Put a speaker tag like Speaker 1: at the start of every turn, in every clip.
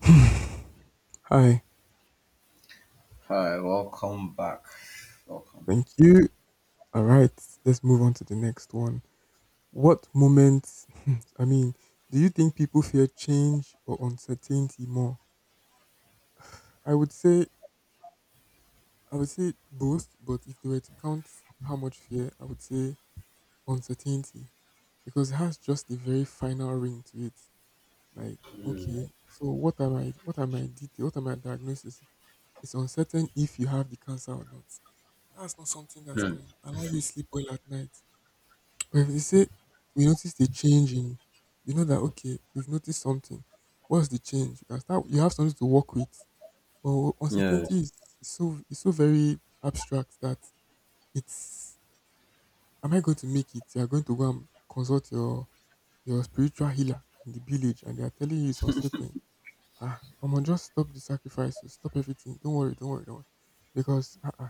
Speaker 1: Hi,
Speaker 2: Hi, welcome back. Welcome.
Speaker 1: thank you. All right, let's move on to the next one. What moments, I mean, do you think people fear change or uncertainty more? I would say, I would say both, but if they were to count how much fear, I would say uncertainty because it has just a very final ring to it. Like, okay, so what am I, detail, what am I diagnosis? It's uncertain if you have the cancer or not. That's not something that
Speaker 2: Hmm.
Speaker 1: can allow you sleep well at night. But if they say we noticed a change in, you know that okay, we've noticed something. What's the change? You can start. You have something to work with. But uncertainty
Speaker 2: Yes.
Speaker 1: is is so very abstract that it's. Am I going to make it? You are going to go and consult your spiritual healer in the village, and they are telling you it's uncertain. Ah, I'm gonna just stop the sacrifices. Stop everything. Don't worry. Don't worry. Don't worry. Because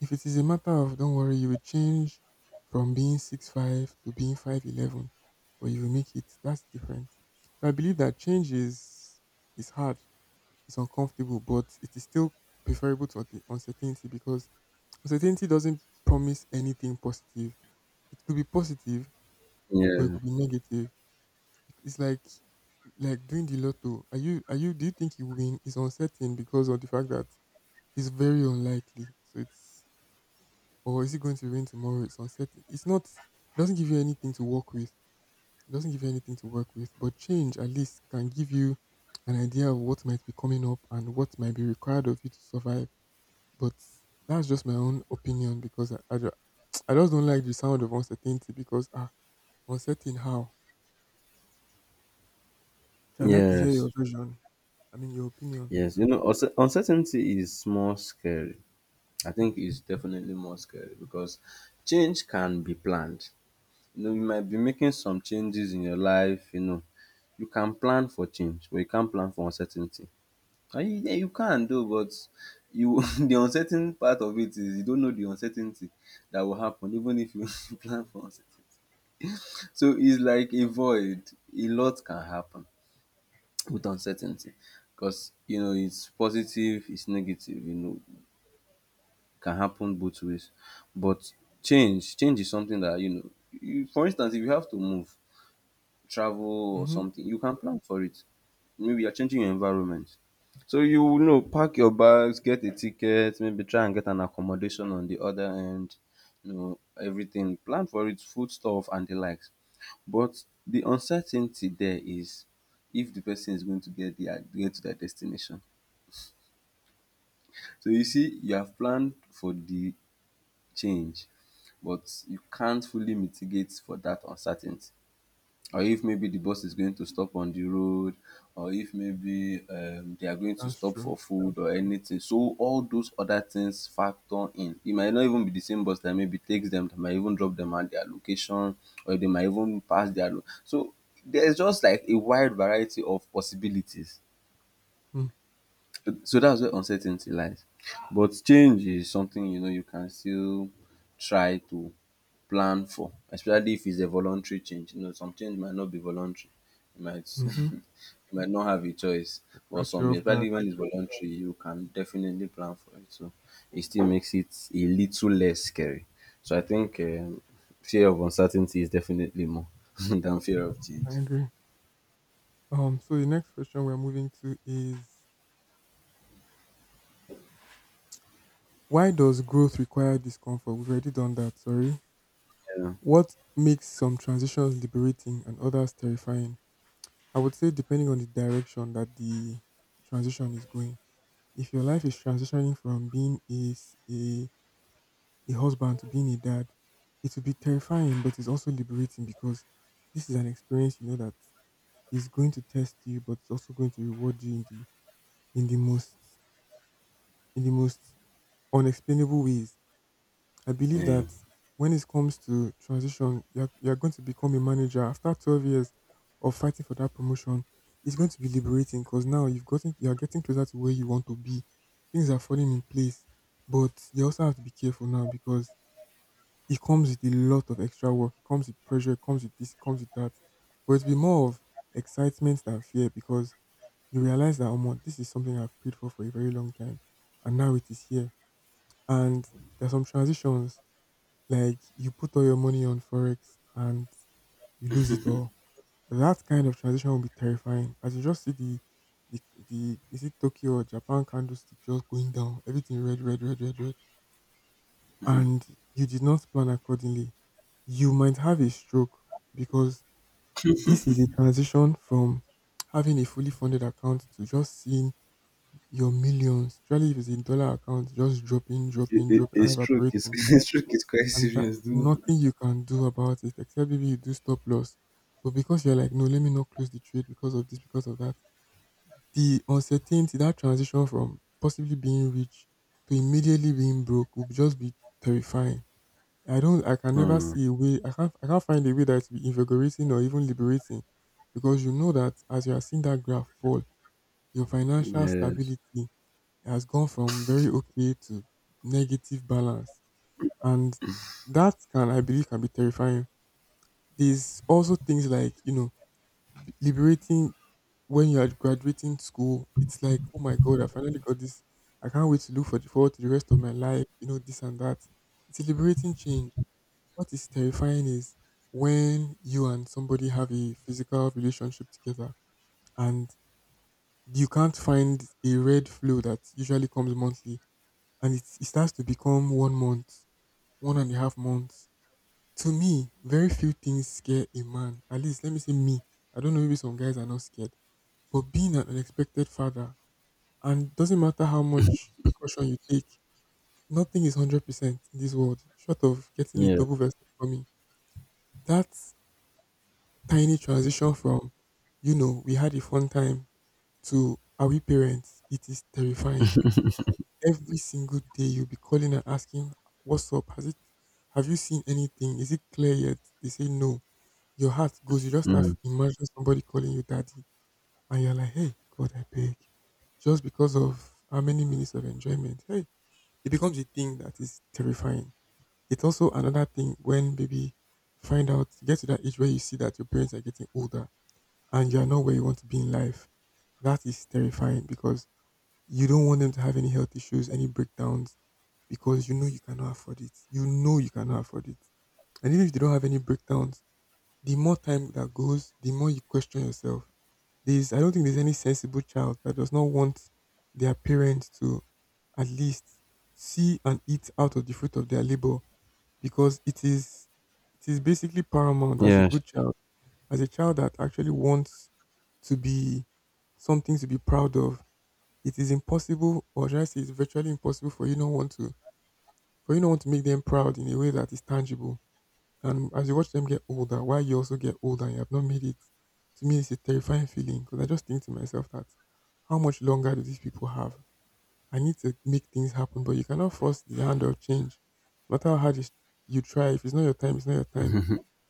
Speaker 1: if it is a matter of don't worry, you will change from being 6'5" to being 5'11", but you will make it. That's different. So I believe that change is hard, it's uncomfortable, but it is still preferable to uncertainty because uncertainty doesn't promise anything positive. It could be positive, but it
Speaker 2: Yeah.
Speaker 1: could be negative. It's like doing the lotto. Are you do you think you win? It's uncertain because of the fact that it's very unlikely. So it's, or is it going to rain tomorrow? It's uncertain. It's not. It doesn't give you anything to work with. It doesn't give you anything to work with. But change at least can give you an idea of what might be coming up and what might be required of you to survive. But that's just my own opinion because I just don't like the sound of uncertainty because ah uncertain how. So I like to hear
Speaker 2: Yes.
Speaker 1: your version. I mean your opinion.
Speaker 2: Yes. You know, uncertainty is more scary. I think it's definitely more scary because change can be planned. You know, you might be making some changes in your life. You know, you can plan for change, but you can't plan for uncertainty. And you, yeah, you can do, but you the uncertain part of it is you don't know the uncertainty that will happen, even if you plan for uncertainty. So it's like a void. A lot can happen with uncertainty because you know it's positive, it's negative. You know, can happen both ways. But change, change is something that you know. You, for instance, if you have to move, travel or
Speaker 1: Mm-hmm.
Speaker 2: something, you can plan for it. Maybe you're changing your environment. So you will know, pack your bags, get a ticket, maybe try and get an accommodation on the other end, you know, everything. Plan for it, food stuff and the likes. But the uncertainty there is if the person is going to get to their destination. So you see, you have planned for the change, but you can't fully mitigate for that uncertainty. Or if maybe the bus is going to stop on the road, or if maybe they are going to
Speaker 1: That's
Speaker 2: stop
Speaker 1: true.
Speaker 2: for food or anything. So all those other things factor in. It might not even be the same bus that maybe takes them, that might even drop them at their location, or they might even pass their so there's just like a wide variety of possibilities. So that's where uncertainty lies. But change is something you know you can still try to plan for, especially if it's a voluntary change. You know, some change might not be voluntary. You might
Speaker 1: Mm-hmm.
Speaker 2: you might not have a choice. But
Speaker 1: Catch you
Speaker 2: some,
Speaker 1: off guard.
Speaker 2: especially when it's voluntary, you can definitely plan for it. So it still makes it a little less scary. So I think fear of uncertainty is definitely more than fear of
Speaker 1: I
Speaker 2: change.
Speaker 1: agree. So the next question we're moving to is, why does growth require discomfort? We've already done that, sorry.
Speaker 2: Yeah.
Speaker 1: What makes some transitions liberating and others terrifying? I would say depending on the direction that the transition is going. If your life is transitioning from being a, s- a husband to being a dad, it will be terrifying, but it's also liberating because this is an experience you know that is going to test you, but it's also going to reward you in the in the most in the most unexplainable ways. I believe
Speaker 2: Yeah.
Speaker 1: that when it comes to transition, you're going to become a manager after 12 years of fighting for that promotion. It's going to be liberating because you're getting closer to where you want to be. Things are falling in place, but you also have to be careful now because it comes with a lot of extra work. It comes with pressure. It comes with this. It comes with that. But it'll be more of excitement than fear because you realize that, oh, my, this is something I've prayed for a very long time, and now it is here. And there are some transitions like you put all your money on forex and you lose it all. That kind of transition will be terrifying. As you just see the, the, is it Tokyo or Japan candlestick just going down, everything red, red, red, red, red, and you did not plan accordingly. You might have a stroke because this is a transition from having a fully funded account to just seeing your millions, especially if it's in dollar account, just dropping,
Speaker 2: It,
Speaker 1: dropping,
Speaker 2: it,
Speaker 1: dropping, and
Speaker 2: it's true. It's,
Speaker 1: evaporating.
Speaker 2: it's true. It's quite
Speaker 1: And that
Speaker 2: serious, though.
Speaker 1: nothing you can do about it except maybe you do stop loss. But because you're like, no, let me not close the trade because of this, because of that, the uncertainty, that transition from possibly being rich to immediately being broke would just be terrifying. I can never
Speaker 2: Mm.
Speaker 1: see a way, I can't find a way that will be invigorating or even liberating because you know that as you are seeing that graph fall, your financial
Speaker 2: Yes.
Speaker 1: stability has gone from very okay to negative balance. And that can, I believe, can be terrifying. There's also things like, you know, liberating when you are graduating school. It's like, oh my God, I finally got this. I can't wait to look for forward to the rest of my life, you know, this and that. It's a liberating change. What is terrifying is when you and somebody have a physical relationship together and you can't find a red flow that usually comes monthly and it starts to become 1 month, one and a half months. To me, very few things scare a man. At least, let me say me. I don't know, maybe some guys are not scared. But being an unexpected father, and doesn't matter how much precaution you take, nothing is 100% in this world, short of getting a
Speaker 2: Yeah.
Speaker 1: double vasectomy. That tiny transition from, you know, we had a fun time to, are we parents? It is terrifying. Every single day you'll be calling and asking, what's up? Have you seen anything? Is it clear yet? They say no. Your heart goes, you just have
Speaker 2: Mm.
Speaker 1: imagine somebody calling you daddy and you're like, hey, God, I beg. Just because of how many minutes of enjoyment. Hey, it becomes a thing that is terrifying. It's also another thing when maybe find out you get to that age where you see that your parents are getting older and you're not where you want to be in life. That is terrifying because you don't want them to have any health issues, any breakdowns, because you know you cannot afford it. You know you cannot afford it. And even if they don't have any breakdowns, the more time that goes, the more you question yourself. There's I don't think there's any sensible child that does not want their parents to at least see and eat out of the fruit of their labor, because it is basically paramount as a
Speaker 2: Yes.
Speaker 1: good child, as a child that actually wants to be something to be proud of. It is impossible, or should I say, it's virtually impossible for you not want to, for you not want to make them proud in a way that is tangible. And as you watch them get older, while you also get older and you have not made it, to me it's a terrifying feeling because I just think to myself that how much longer do these people have? I need to make things happen, but you cannot force the hand of change. No matter how hard you try, if it's not your time, it's not your time.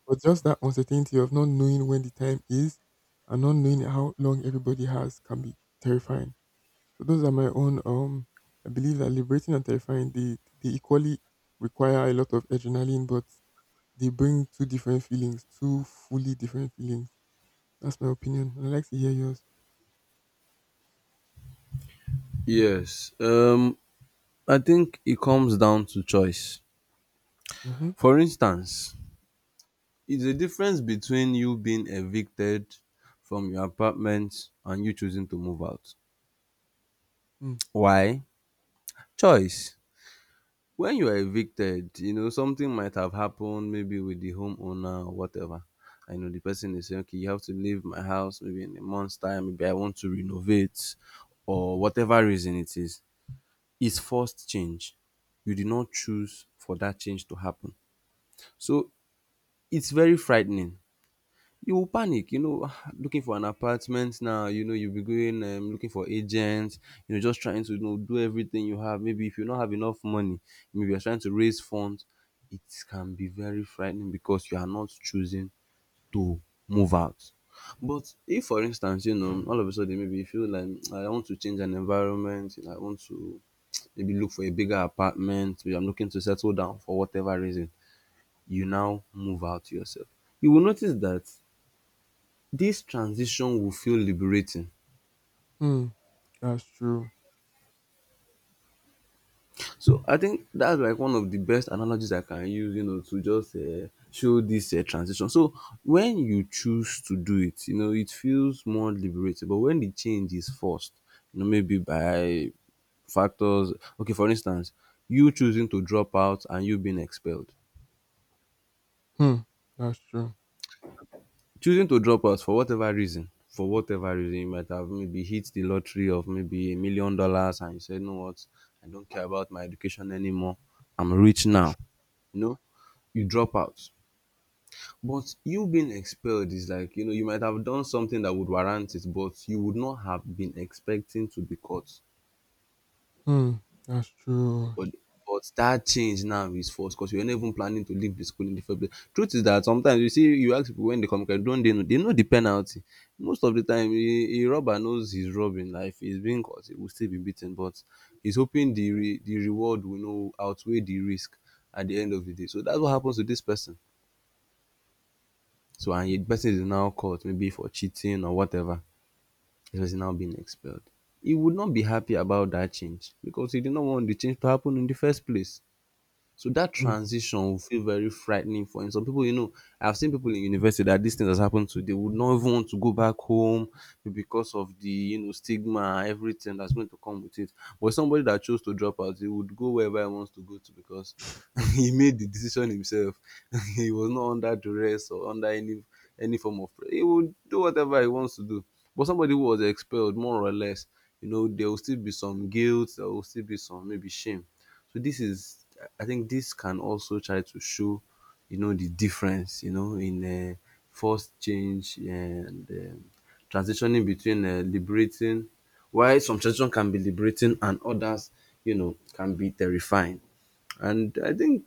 Speaker 1: But just that uncertainty of not knowing when the time is and not knowing how long everybody has can be terrifying. So those are my own. I believe that liberating and terrifying, they equally require a lot of adrenaline, but they bring two different feelings, two fully different feelings. That's my opinion. I'd like to hear yours.
Speaker 2: Yes. I think it comes down to choice.
Speaker 1: Mm-hmm.
Speaker 2: For instance, it's a difference between you being evicted from your apartment and you choosing to move out.
Speaker 1: Hmm.
Speaker 2: Why? Choice. When you are evicted, you know, something might have happened, maybe with the homeowner or whatever. I know the person is saying, okay, you have to leave my house maybe in a month's time, maybe I want to renovate or whatever reason it is. Is forced change. You did not choose for that change to happen. So it's very frightening. You will panic, you know, looking for an apartment now, you know, you'll be going looking for agents, you know, just trying to, you know, do everything you have. Maybe if you don't have enough money, maybe you're trying to raise funds. It can be very frightening because you are not choosing to move out. But if, for instance, you know, all of a sudden maybe you feel like, "Mm, I want to change an environment, you know, I want to maybe look for a bigger apartment, maybe I'm looking to settle down for whatever reason," you now move out yourself. You will notice that this transition will feel liberating.
Speaker 1: Hmm. That's true.
Speaker 2: So I think that's like one of the best analogies I can use, you know, to just show this transition. So when you choose to do it, you know, it feels more liberating. But when the change is forced, you know, maybe by factors, okay, for instance, you choosing to drop out and you being expelled,
Speaker 1: Hmm. That's true.
Speaker 2: choosing to drop out for whatever reason you might have, maybe hit the lottery of maybe $1 million and you said, "No what, I don't care about my education anymore. I'm rich now." You know, you drop out. But you being expelled is like, you know, you might have done something that would warrant it, but you would not have been expecting to be caught.
Speaker 1: Hmm. That's true.
Speaker 2: But but that change now is forced because you're not even planning to leave the school in the first place. Truth is that sometimes you see you ask people when they come, they don't they know the penalty. Most of the time, a robber knows he's robbing. Like, if he's being caught, he will still be beaten. But he's hoping the reward will know outweigh the risk at the end of the day. So that's what happens to this person. So, and the person is now caught maybe for cheating or whatever. The person now being expelled. He would not be happy about that change because he did not want the change to happen in the first place. So that
Speaker 1: Hmm.
Speaker 2: transition will feel very frightening for him. Some people, you know, I've seen people in university that this thing has happened to, they would not even want to go back home because of the, you know, stigma, and everything that's going to come with it. But somebody that chose to drop out, he would go wherever he wants to go to because he made the decision himself. He was not under duress or under any form of pressure. He would do whatever he wants to do. But somebody who was expelled, more or less, you know, there will still be some guilt, there will still be some maybe shame. So this is, I think this can also try to show, you know, the difference, you know, in forced change, and transitioning between, liberating, why some transition can be liberating and others, you know, can be terrifying. And I think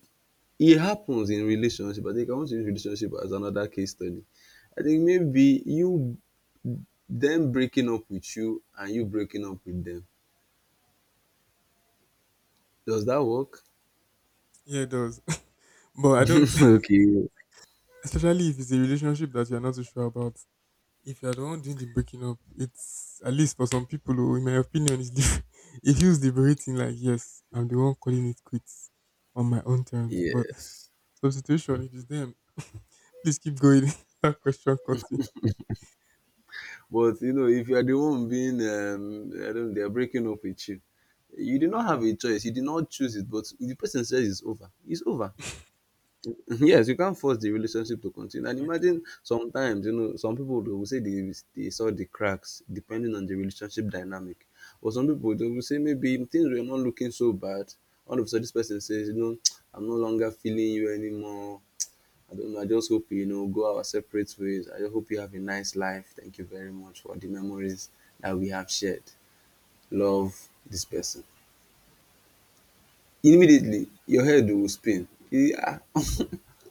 Speaker 2: it happens in relationship. I think I want to use relationship as another case study. I think maybe you them breaking up with you and you breaking up with them. Does that work?
Speaker 1: Yeah, it does. But I don't,
Speaker 2: Okay.
Speaker 1: especially if it's a relationship that you're not too sure about. If you're the one doing the breaking up, it's at least for some people, oh, in my opinion, it feels liberating. Like, yes, I'm the one calling it quits on my own terms. But
Speaker 2: Yes.
Speaker 1: substitution, it is them. Please keep going. That question cuts me.
Speaker 2: But you know, if you are the one being, I don't know, they're breaking up with you, you did not have a choice. You did not choose it, but if the person says it's over, it's over. Yes, you can't force the relationship to continue. And
Speaker 1: Like,
Speaker 2: imagine sometimes, you know, some people they will say they saw the cracks depending on the relationship dynamic. Or some people they will say maybe things were not looking so bad. All of a sudden, this person says, you know, "I'm no longer feeling you anymore. I don't know. I just hope, you know, go our separate ways. I just hope you have a nice life. Thank you very much for the memories that we have shared." Love this person. Immediately, your head will spin. Yeah.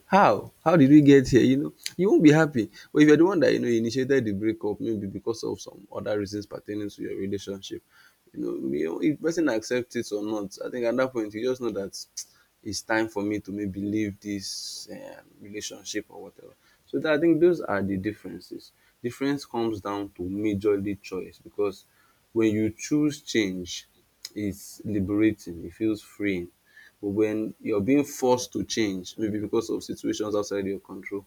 Speaker 2: How? How did we get here? You know, you won't be happy. But if you're the one that, you know, initiated the breakup, maybe because of some other reasons pertaining to your relationship, you know, if person accepts it or not, I think at that point you just know that, it's time for me to maybe leave this relationship or whatever. So that, I think those are the differences. Difference comes down to majorly choice, because when you choose change, it's liberating. It feels freeing. But when you're being forced to change, maybe because of situations outside your control,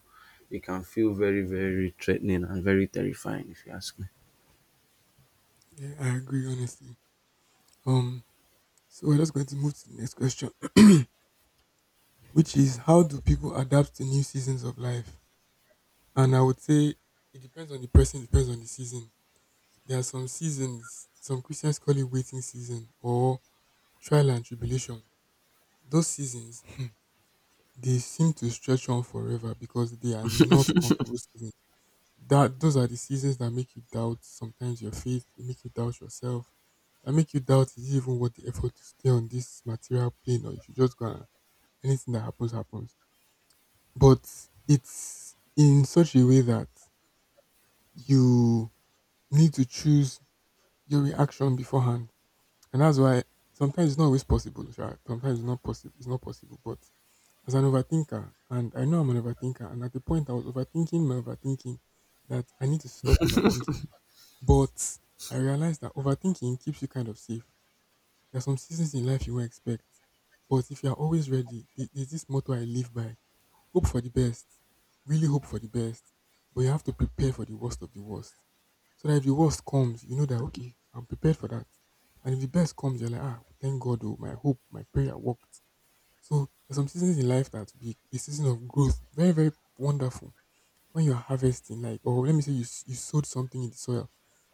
Speaker 2: it can feel very, very threatening and very terrifying, if you ask me.
Speaker 1: yeah, I agree, honestly. Um, so we're just going to move to the next question, which is how do people adapt to new seasons of life? And I would say it depends on the person, depends on the season. There are some seasons, some Christians call it waiting season or trial and tribulation. Those seasons, hmm, they seem to stretch on forever because they are not comfortable seasons. That those are the seasons that make you doubt sometimes your faith, they make you doubt yourself, that make you doubt is it even worth the effort to stay on this material plane or if you just gonna anything that happens happens. But it's in such a way that you need to choose your reaction beforehand. And that's why sometimes it's not always possible, sha. Sometimes it's not possible, but as an overthinker, and I know I'm an overthinker, and at the point I was overthinking my overthinking that I need to stop overthinking. But I realized that overthinking keeps you kind of safe. There are some seasons in life you won't expect, but if you are always ready, there's this motto I live by: hope for the best, really hope for the best, but you have to prepare for the worst of the worst. So that if the worst comes, you know that okay, I'm prepared for that. And if the best comes, you're like, ah, thank God, oh, my hope, my prayer worked. So there's some seasons in life that be a season of growth, very very wonderful. When you're harvesting, like, or let me say you sowed something in the soil,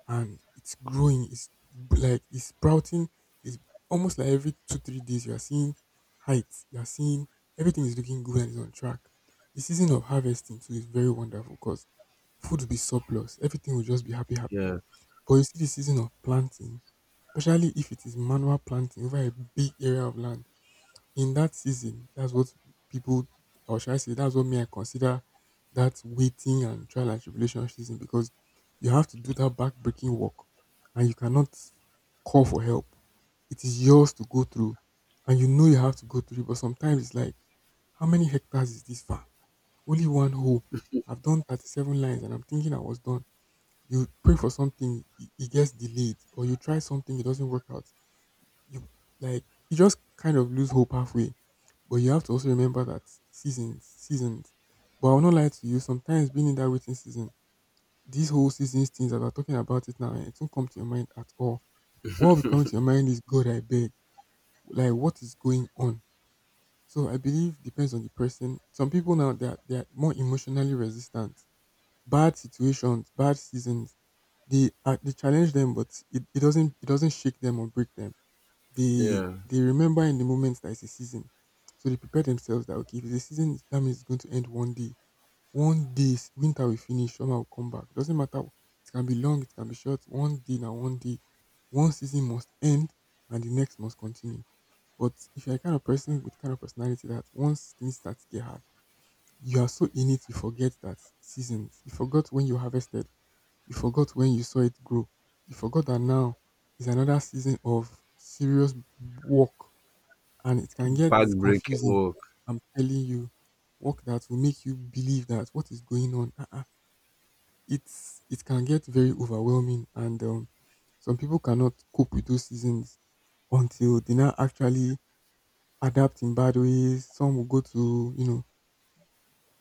Speaker 1: and it's growing, like it's sprouting. It's almost like every two three days you are seeing heights, you are seeing everything is looking good and is on track. The season of harvesting too is very wonderful because food will be surplus, everything will just be happy happy.
Speaker 2: Yeah,
Speaker 1: But you see the season of planting, especially if it is manual planting over a big area of land, in that season, that's what people, or should I say, that's what me I consider that waiting and trial and tribulation season, because you have to do that backbreaking work and you cannot call for help. It is yours to go through, and you know you have to go through it, but sometimes it's like, how many hectares is this farm? Only one hole. I've done 37 lines and I'm thinking I was done. You pray for something, it gets delayed, or you try something, it doesn't work out. You, like, you just kind of lose hope halfway. But you have to also remember that seasons, seasons. But I'll not lie to you, sometimes being in that waiting season, these whole seasons things that we're talking about it now, eh, it won't come to your mind at all. What will come to your mind is, God, I beg. Like, what is going on? So I believe depends on the person. Some people now, they are more emotionally resistant. Bad situations, bad seasons, they challenge them, but it doesn't shake them or break them. they
Speaker 2: yeah.
Speaker 1: they remember in the moment that it's a season. So they prepare themselves that okay, if it's a season, that means it's going to end one day. One day, winter will finish, summer will come back. Doesn't matter. It can be long, it can be short. One day now, one day, one season must end, and the next must continue. But if you're a kind of person with kind of personality that once things start to get hard, you are so in it, you forget that seasons. You forgot when you harvested, you forgot when you saw it grow. You forgot that now is another season of serious work, and it can get
Speaker 2: Back-breaking
Speaker 1: confusing.
Speaker 2: work.
Speaker 1: I'm telling you, work that will make you believe that, what is going on, uh-uh, it can get very overwhelming, and some people cannot cope with those seasons until they now actually adapt in bad ways. Some will go to, you know,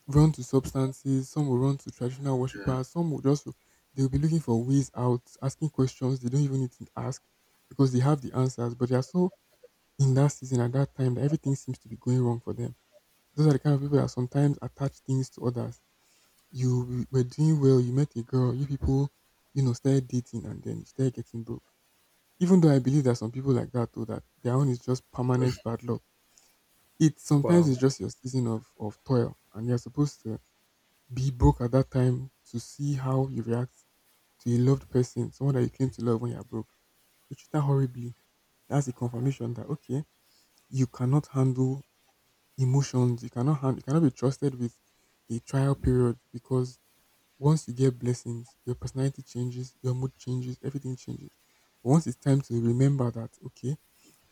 Speaker 1: run to substances, some will run to traditional
Speaker 2: Yeah.
Speaker 1: worshippers, some will just, they'll be looking for ways out, asking questions they don't even need to ask because they have the answers, but they are so in that season at that time that everything seems to be going wrong for them. Those are the kind of people that sometimes attach things to others. You were doing well, you met a girl, you people, you know, started dating, and then you started getting broke. Even though I believe that some people like that, though, that their own is just permanent bad luck. It sometimes
Speaker 2: Wow.
Speaker 1: is just your season of toil, and you're supposed to be broke at that time to see how you react to a loved person, someone that you claim to love, when you're broke. You treat her horribly. That's a confirmation that, okay, you cannot handle emotions. You cannot be trusted with a trial period, because once you get blessings, your personality changes, your mood changes, everything changes. But once it's time to remember that, okay,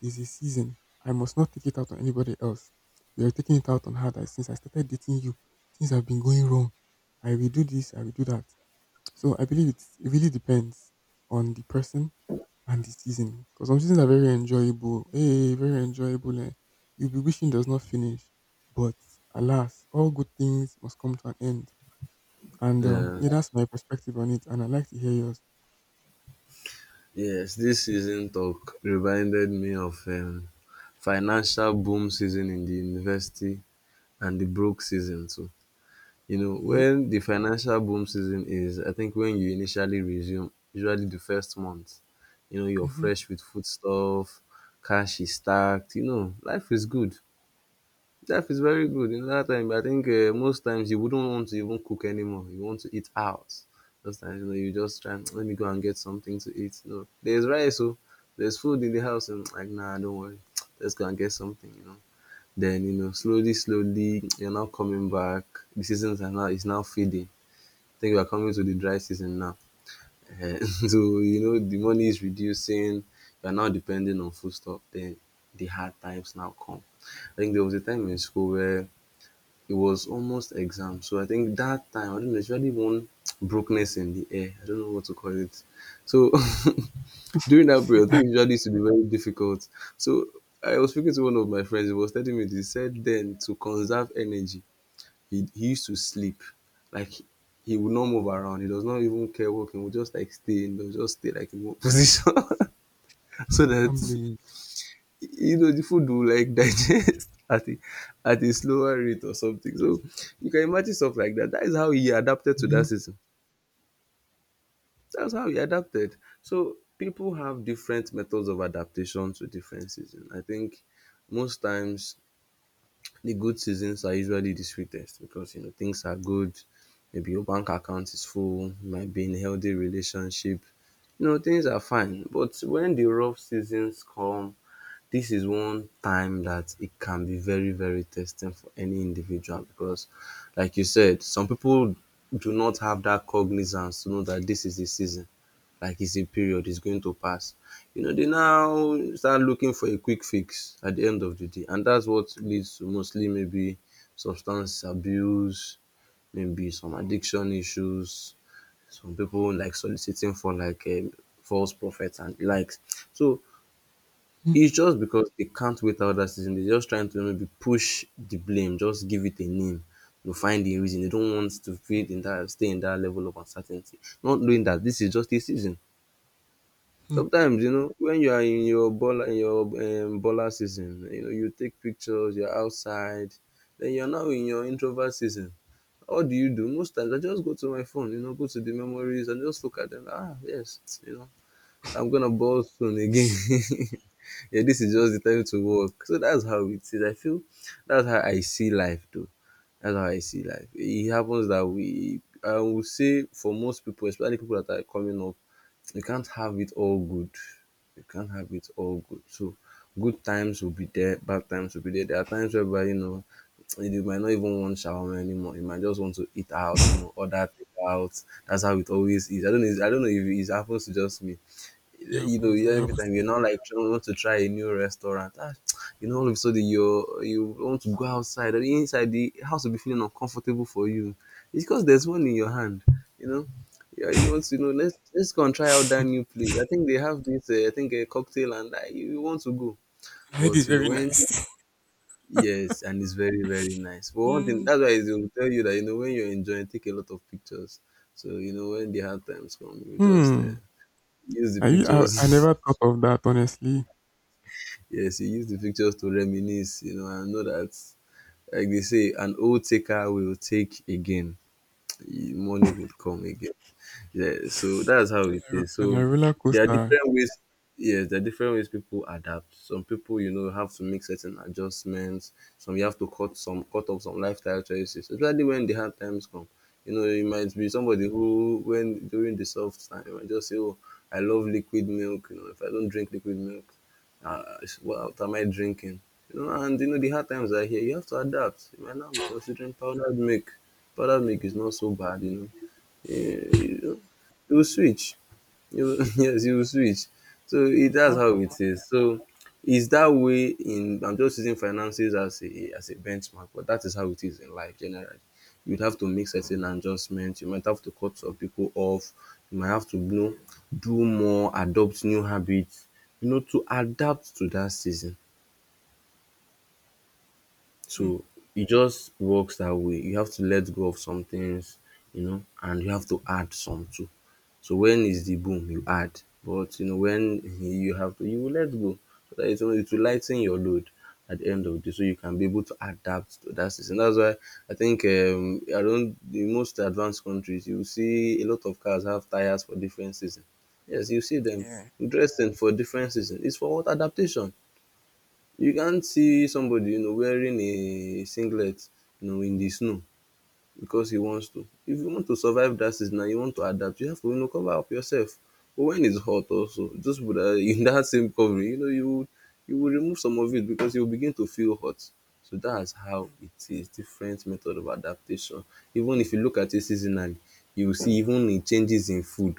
Speaker 1: there's a season, I must not take it out on anybody else. You are taking it out on her that, since I started dating you, things have been going wrong. I will do this, I will do that. So I believe it really depends on the person and the season. Because some seasons are very enjoyable. Hey, very enjoyable. Eh. You'll be wishing it does not finish. But alas, all good things must come to an end. And yeah,
Speaker 2: Yes.
Speaker 1: that's my perspective on it, and I'd like to hear yours.
Speaker 2: Yes, this season talk reminded me of financial boom season in the university and the broke season too. You know,
Speaker 1: Yep.
Speaker 2: when the financial boom season is, I think when you initially resume, usually the first month, you know, you're
Speaker 1: Mm-hmm.
Speaker 2: fresh with foodstuff, cash is stacked, you know, life is good. Life is very good. In that time, I think most times you wouldn't want to even cook anymore. You want to eat out. Those times, you know, you just try, let me go and get something to eat. You know, there's rice, so there's food in the house, and like, nah, don't worry. Let's go and get something, you know. Then you know, slowly, slowly, you're now coming back. The seasons are now is now fading. I think we are coming to the dry season now. Eh, so you know, the money is reducing. You are now depending on food stuff. Then the hard times now come. I think there was a time in school where it was almost exam. So I think that time, I don't know, there's really one brokenness in the air. I don't know what to call it. So during that period, things usually used to be very difficult. So I was speaking to one of my friends. He was telling me this. He said then, to conserve energy, he used to sleep. Like he would not move around. He does not even care walking. He would just like stay in. He'll just stay like in one position so
Speaker 1: Can't
Speaker 2: that
Speaker 1: blame
Speaker 2: you know the food will like digest at a slower rate or something. So you can imagine stuff like that. That is how he adapted to that
Speaker 1: you.
Speaker 2: system. That's how he adapted. So people have different methods of adaptation to different seasons. I think most times the good seasons are usually the sweetest because you know things are good. Maybe your bank account is full, you might be in a healthy relationship. You know, things are fine. But when the rough seasons come, this is one time that it can be very, very testing for any individual because like you said, some people do not have that cognizance to know that this is the season, like it's a period, it's going to pass. You know, they now start looking for a quick fix at the end of the day. And that's what leads to mostly maybe substance abuse, maybe some addiction issues, some people like soliciting for like false prophets and likes. So
Speaker 1: Mm
Speaker 2: it's just because they can't wait out that season. They're just trying to maybe push the blame, just give it a name, to find the reason. They don't want to feel in that, stay in that level of uncertainty. Not knowing that this is just a season.
Speaker 1: hmm
Speaker 2: Sometimes you know when you are in your baller, in your baller season, you know, you take pictures, you are outside, then you are now in your introvert season. What do you do? Most times I just go to my phone, you know, go to the memories and just look at them. Ah, yes, you know, I'm gonna ball soon again. Yeah, this is just the time to work. So that's how it is. I feel that's how I see life though. That's how I see life. It happens that we, I would say, for most people, especially people that are coming up, you can't have it all good. You can't have it all good. So good times will be there, bad times will be there. There are times whereby, you know, you might not even want shawarma anymore. You might just want to eat out, you know, order takeout. That's how it always is. I don't know. I don't know if it happens to just me.
Speaker 1: It happens. Oh, it
Speaker 2: Every
Speaker 1: happens to
Speaker 2: time
Speaker 1: me.
Speaker 2: you're not like trying want to try a new restaurant. Ah, you know, all of a sudden you, you want to go outside and inside the house will be feeling uncomfortable for you. It's because there's one in your hand, you know. Yeah, you want to, you know, let's go and try out that new place. I think they have this, I think, a cocktail, and like you want to go.
Speaker 1: My head is
Speaker 2: But you know
Speaker 1: very
Speaker 2: when,
Speaker 1: nice.
Speaker 2: yes, and it's very, very nice. But one thing
Speaker 1: Mm.
Speaker 2: that's why it will tell you that, you know, when you're enjoying, take a lot of pictures. So you know when the hard times come, you just
Speaker 1: Hmm.
Speaker 2: use the
Speaker 1: I
Speaker 2: pictures.
Speaker 1: never thought of that, honestly.
Speaker 2: Yes, he used the pictures to reminisce, you know, and know that, like they say, an old taker will take again. Money would come again. Yeah, so that's how it
Speaker 1: A-
Speaker 2: is.
Speaker 1: And a
Speaker 2: So
Speaker 1: roller
Speaker 2: there are
Speaker 1: coaster.
Speaker 2: different ways. Yes, there are different ways people adapt. Some people, you know, have to make certain adjustments. Some you have to cut some, Cut off some lifestyle choices, especially when the hard times come. You know, you might be somebody who, when during the soft time, you might just say, "Oh, I love liquid milk." You know, if I don't drink liquid milk, it's, what am I drinking? You know, and you know the hard times are here. You have to adapt. You might now be considering powdered milk. Powdered milk is not so bad, you know, you you will switch. You, yes, you will switch. So it, that's how
Speaker 1: Stop.
Speaker 2: it is. So it's that way in, I'm just using finances as a benchmark, but that is how it is in life generally. You'd have to make certain adjustments, you might have to cut some people off, you might have to, you know, do more, adopt new habits, you know, to adapt to that season. So it just works that way. You have to let go of some things, you know, and you have to add some too. So when is the boom, you add. But you know, when you have to, you will let go. So that it will lighten your load at the end of the day. So you can be able to adapt to that system. That's why I think I don't, in most advanced countries you will see a lot of cars have tires for different seasons. Yes, you see them
Speaker 1: Yeah.
Speaker 2: dressed in for different seasons. It's for what, adaptation. You can't see somebody, you know, wearing a singlet, you know, in the snow because he wants to. If you want to survive that season and you want to adapt, you have to, you know, cover up yourself. But when it's hot also, just put that in that same covering, you know, you will, you will remove some of it because you will begin to feel hot. So that's how
Speaker 1: Mm.
Speaker 2: it is. Different method of adaptation. Even if you look at it seasonally, you will see even in changes in food.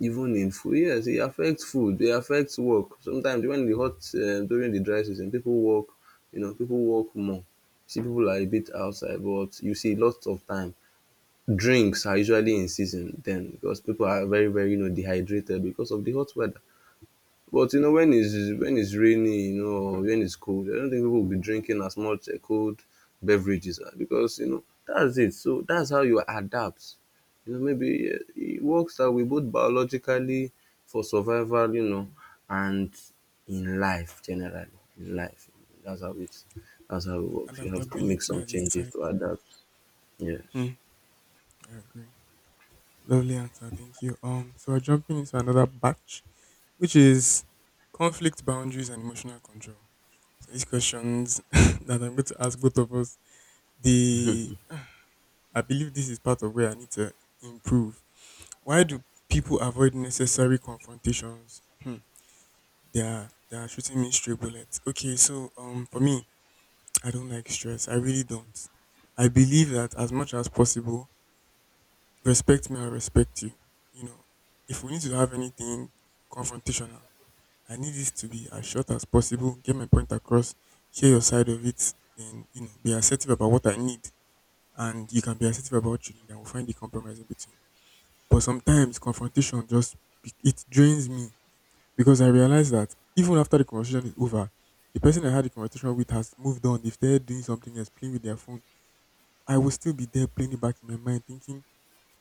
Speaker 2: Even in food, yes, e affect food, e affect work. Sometimes when the hot, during the dry season, people work, you know, people work more, see people are a bit outside, but you see lots of time drinks are usually in season then because people are very, very, you know, dehydrated because of the hot weather. But you know, when it's, when it's rainy, you know, or when it's cold, I don't think people will be drinking as much cold beverages, because you know that's it. So that's how you adapt. You know, maybe it works that way both biologically for survival, you know, and in life generally. In life, that's how it's, that's how it works. You have to make
Speaker 1: Adaptability
Speaker 2: some
Speaker 1: as a
Speaker 2: changes
Speaker 1: side.
Speaker 2: to adapt. Yes,
Speaker 1: Hmm, I agree. Lovely answer, thank you. So we're jumping into another batch, which is conflict, boundaries and emotional control. So these questions that I'm going to ask both of us, they I believe this is part of where I need to improve. Why do people avoid necessary confrontations? Hmm. They are shooting me stray bullets. Okay, so for me, I don't like stress. I really don't. I believe that as much as possible, respect me, I respect you. You know, if we need to have anything confrontational, I need this to be as short as possible, get my point across, hear your side of it, then, you know, be assertive about what I need, and you can be assertive about what you need, and we'll find the compromise in between. But sometimes confrontation just, it drains me, because I realize that even after the conversation is over, the person I had the conversation with has moved on. If they're doing something else, playing with their phone, I will still be there playing it back in my mind, thinking,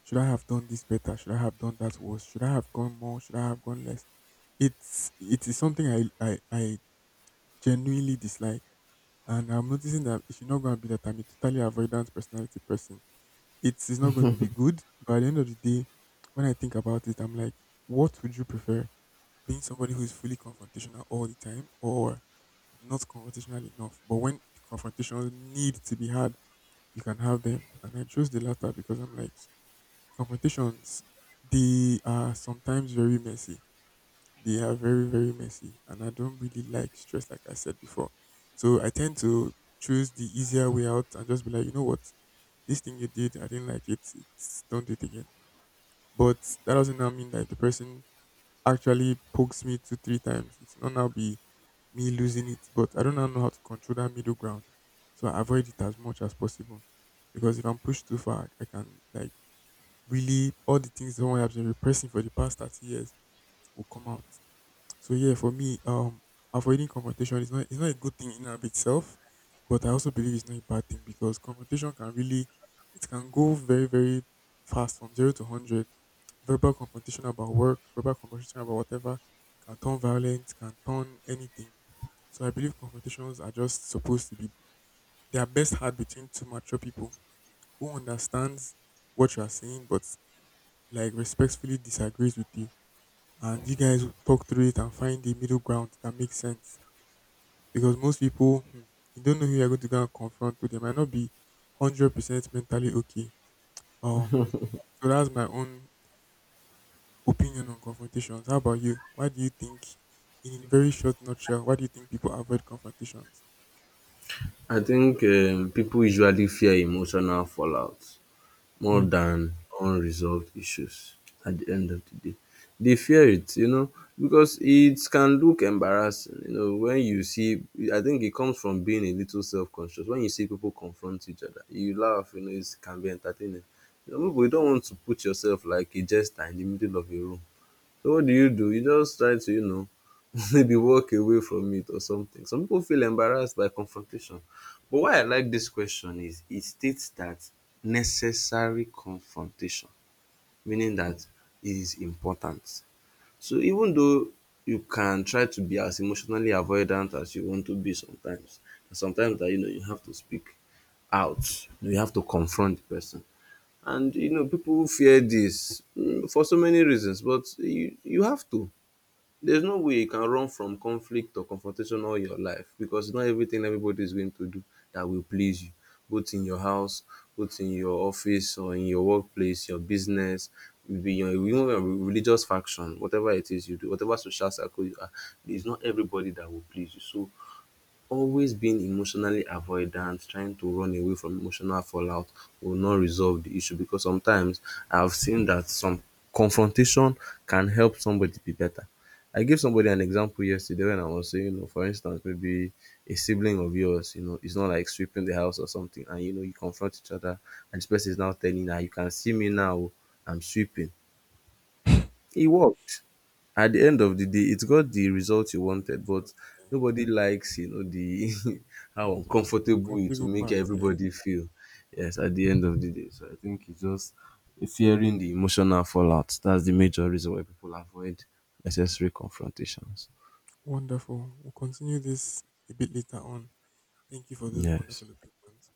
Speaker 1: should I have done this better? Should I have done that worse? Should I have gone more? Should I have gone less? It is something I genuinely dislike. And I'm noticing that if you're not going to be, that I'm a totally avoidant personality person, it is not going to be good. But at the end of the day, when I think about it, I'm like, what would you prefer? Being somebody who is fully confrontational all the time, or not confrontational enough? But when the confrontations need to be had, you can have them. And I chose the latter, because I'm like, confrontations, they are sometimes very messy, they are very very messy, and I don't really like stress, like I said before. So I tend to choose the easier way out and just be like, you know what, this thing you did, I didn't like it, it's, don't do it again. But that doesn't now mean that if the person actually pokes me two three times, it's not now be me losing it. But I don't now know how to control that middle ground. So I avoid it as much as possible, because if I'm pushed too far, I can, like, really, all the things someone has been repressing for the past 30 years will come out. So yeah, for me, avoiding confrontation is not, it's not a good thing in and of itself, but I also believe it's not a bad thing, because confrontation can really, it can go very very fast from 0 to 100. Verbal confrontation about work, verbal confrontation about whatever, can turn violent, can turn anything. So I believe confrontations are just supposed to be, they are best had between two mature people who understands what you are saying but, like, respectfully disagrees with you, and you guys will talk through it and find a middle ground that makes sense. Because most people, you don't know who you're going to go and confront to, they might not be 100% mentally okay, um so that's my own opinion on confrontations. How about you? Why do you think, in a very short nutshell, why do you think people avoid confrontations?
Speaker 2: I think people usually fear emotional fallout more
Speaker 1: Hmm.
Speaker 2: than unresolved issues at the end of the day. They fear it, you know, because it can look embarrassing. You know, when you see, I think it comes from being a little self-conscious. When you see people confront each other, you laugh, you know, it can be entertaining. You know, but you don't want to put yourself like a jester in the middle of a room. So what do? You just try to, you know, maybe walk away from it or something. Some people feel embarrassed by confrontation. But why I like this question is it states that necessary confrontation, meaning that it is important. So even though you can try to be as emotionally avoidant as you want to be sometimes, and sometimes that you know you have to speak out, you have to confront the person. And you know, people fear this, for so many reasons, but you have to. There's no way you can run from conflict or confrontation all your life because not everything everybody is going to do that will please you, both in your house, both in your office or in your workplace, your business, maybe your even your religious faction, whatever it is you do, whatever social circle you are, there's not everybody that will please you. So always being emotionally avoidant, trying to run away from emotional fallout will not resolve the issue because sometimes I've seen that some confrontation can help somebody be better. I gave somebody an example yesterday when I was saying, you know, for instance, maybe a sibling of yours, you know, it's not like sweeping the house or something, and you know, you confront each other, and this person is now telling you, "Ah, you can see me now, oh, I'm sweeping." It worked. At the end of the day, it got the result you wanted,
Speaker 1: So
Speaker 2: but
Speaker 1: it's
Speaker 2: nobody likes, you know, the how
Speaker 1: a
Speaker 2: uncomfortable it will
Speaker 1: comfortable
Speaker 2: make
Speaker 1: part, yeah.
Speaker 2: everybody feel. Yes, at the end of the day. So I think it's just fearing the emotional fallout. That's the major reason why people avoid necessary confrontations.
Speaker 1: Wonderful, we'll continue this a bit later on. Thank you for those
Speaker 2: Yes.
Speaker 1: wonderful opinions.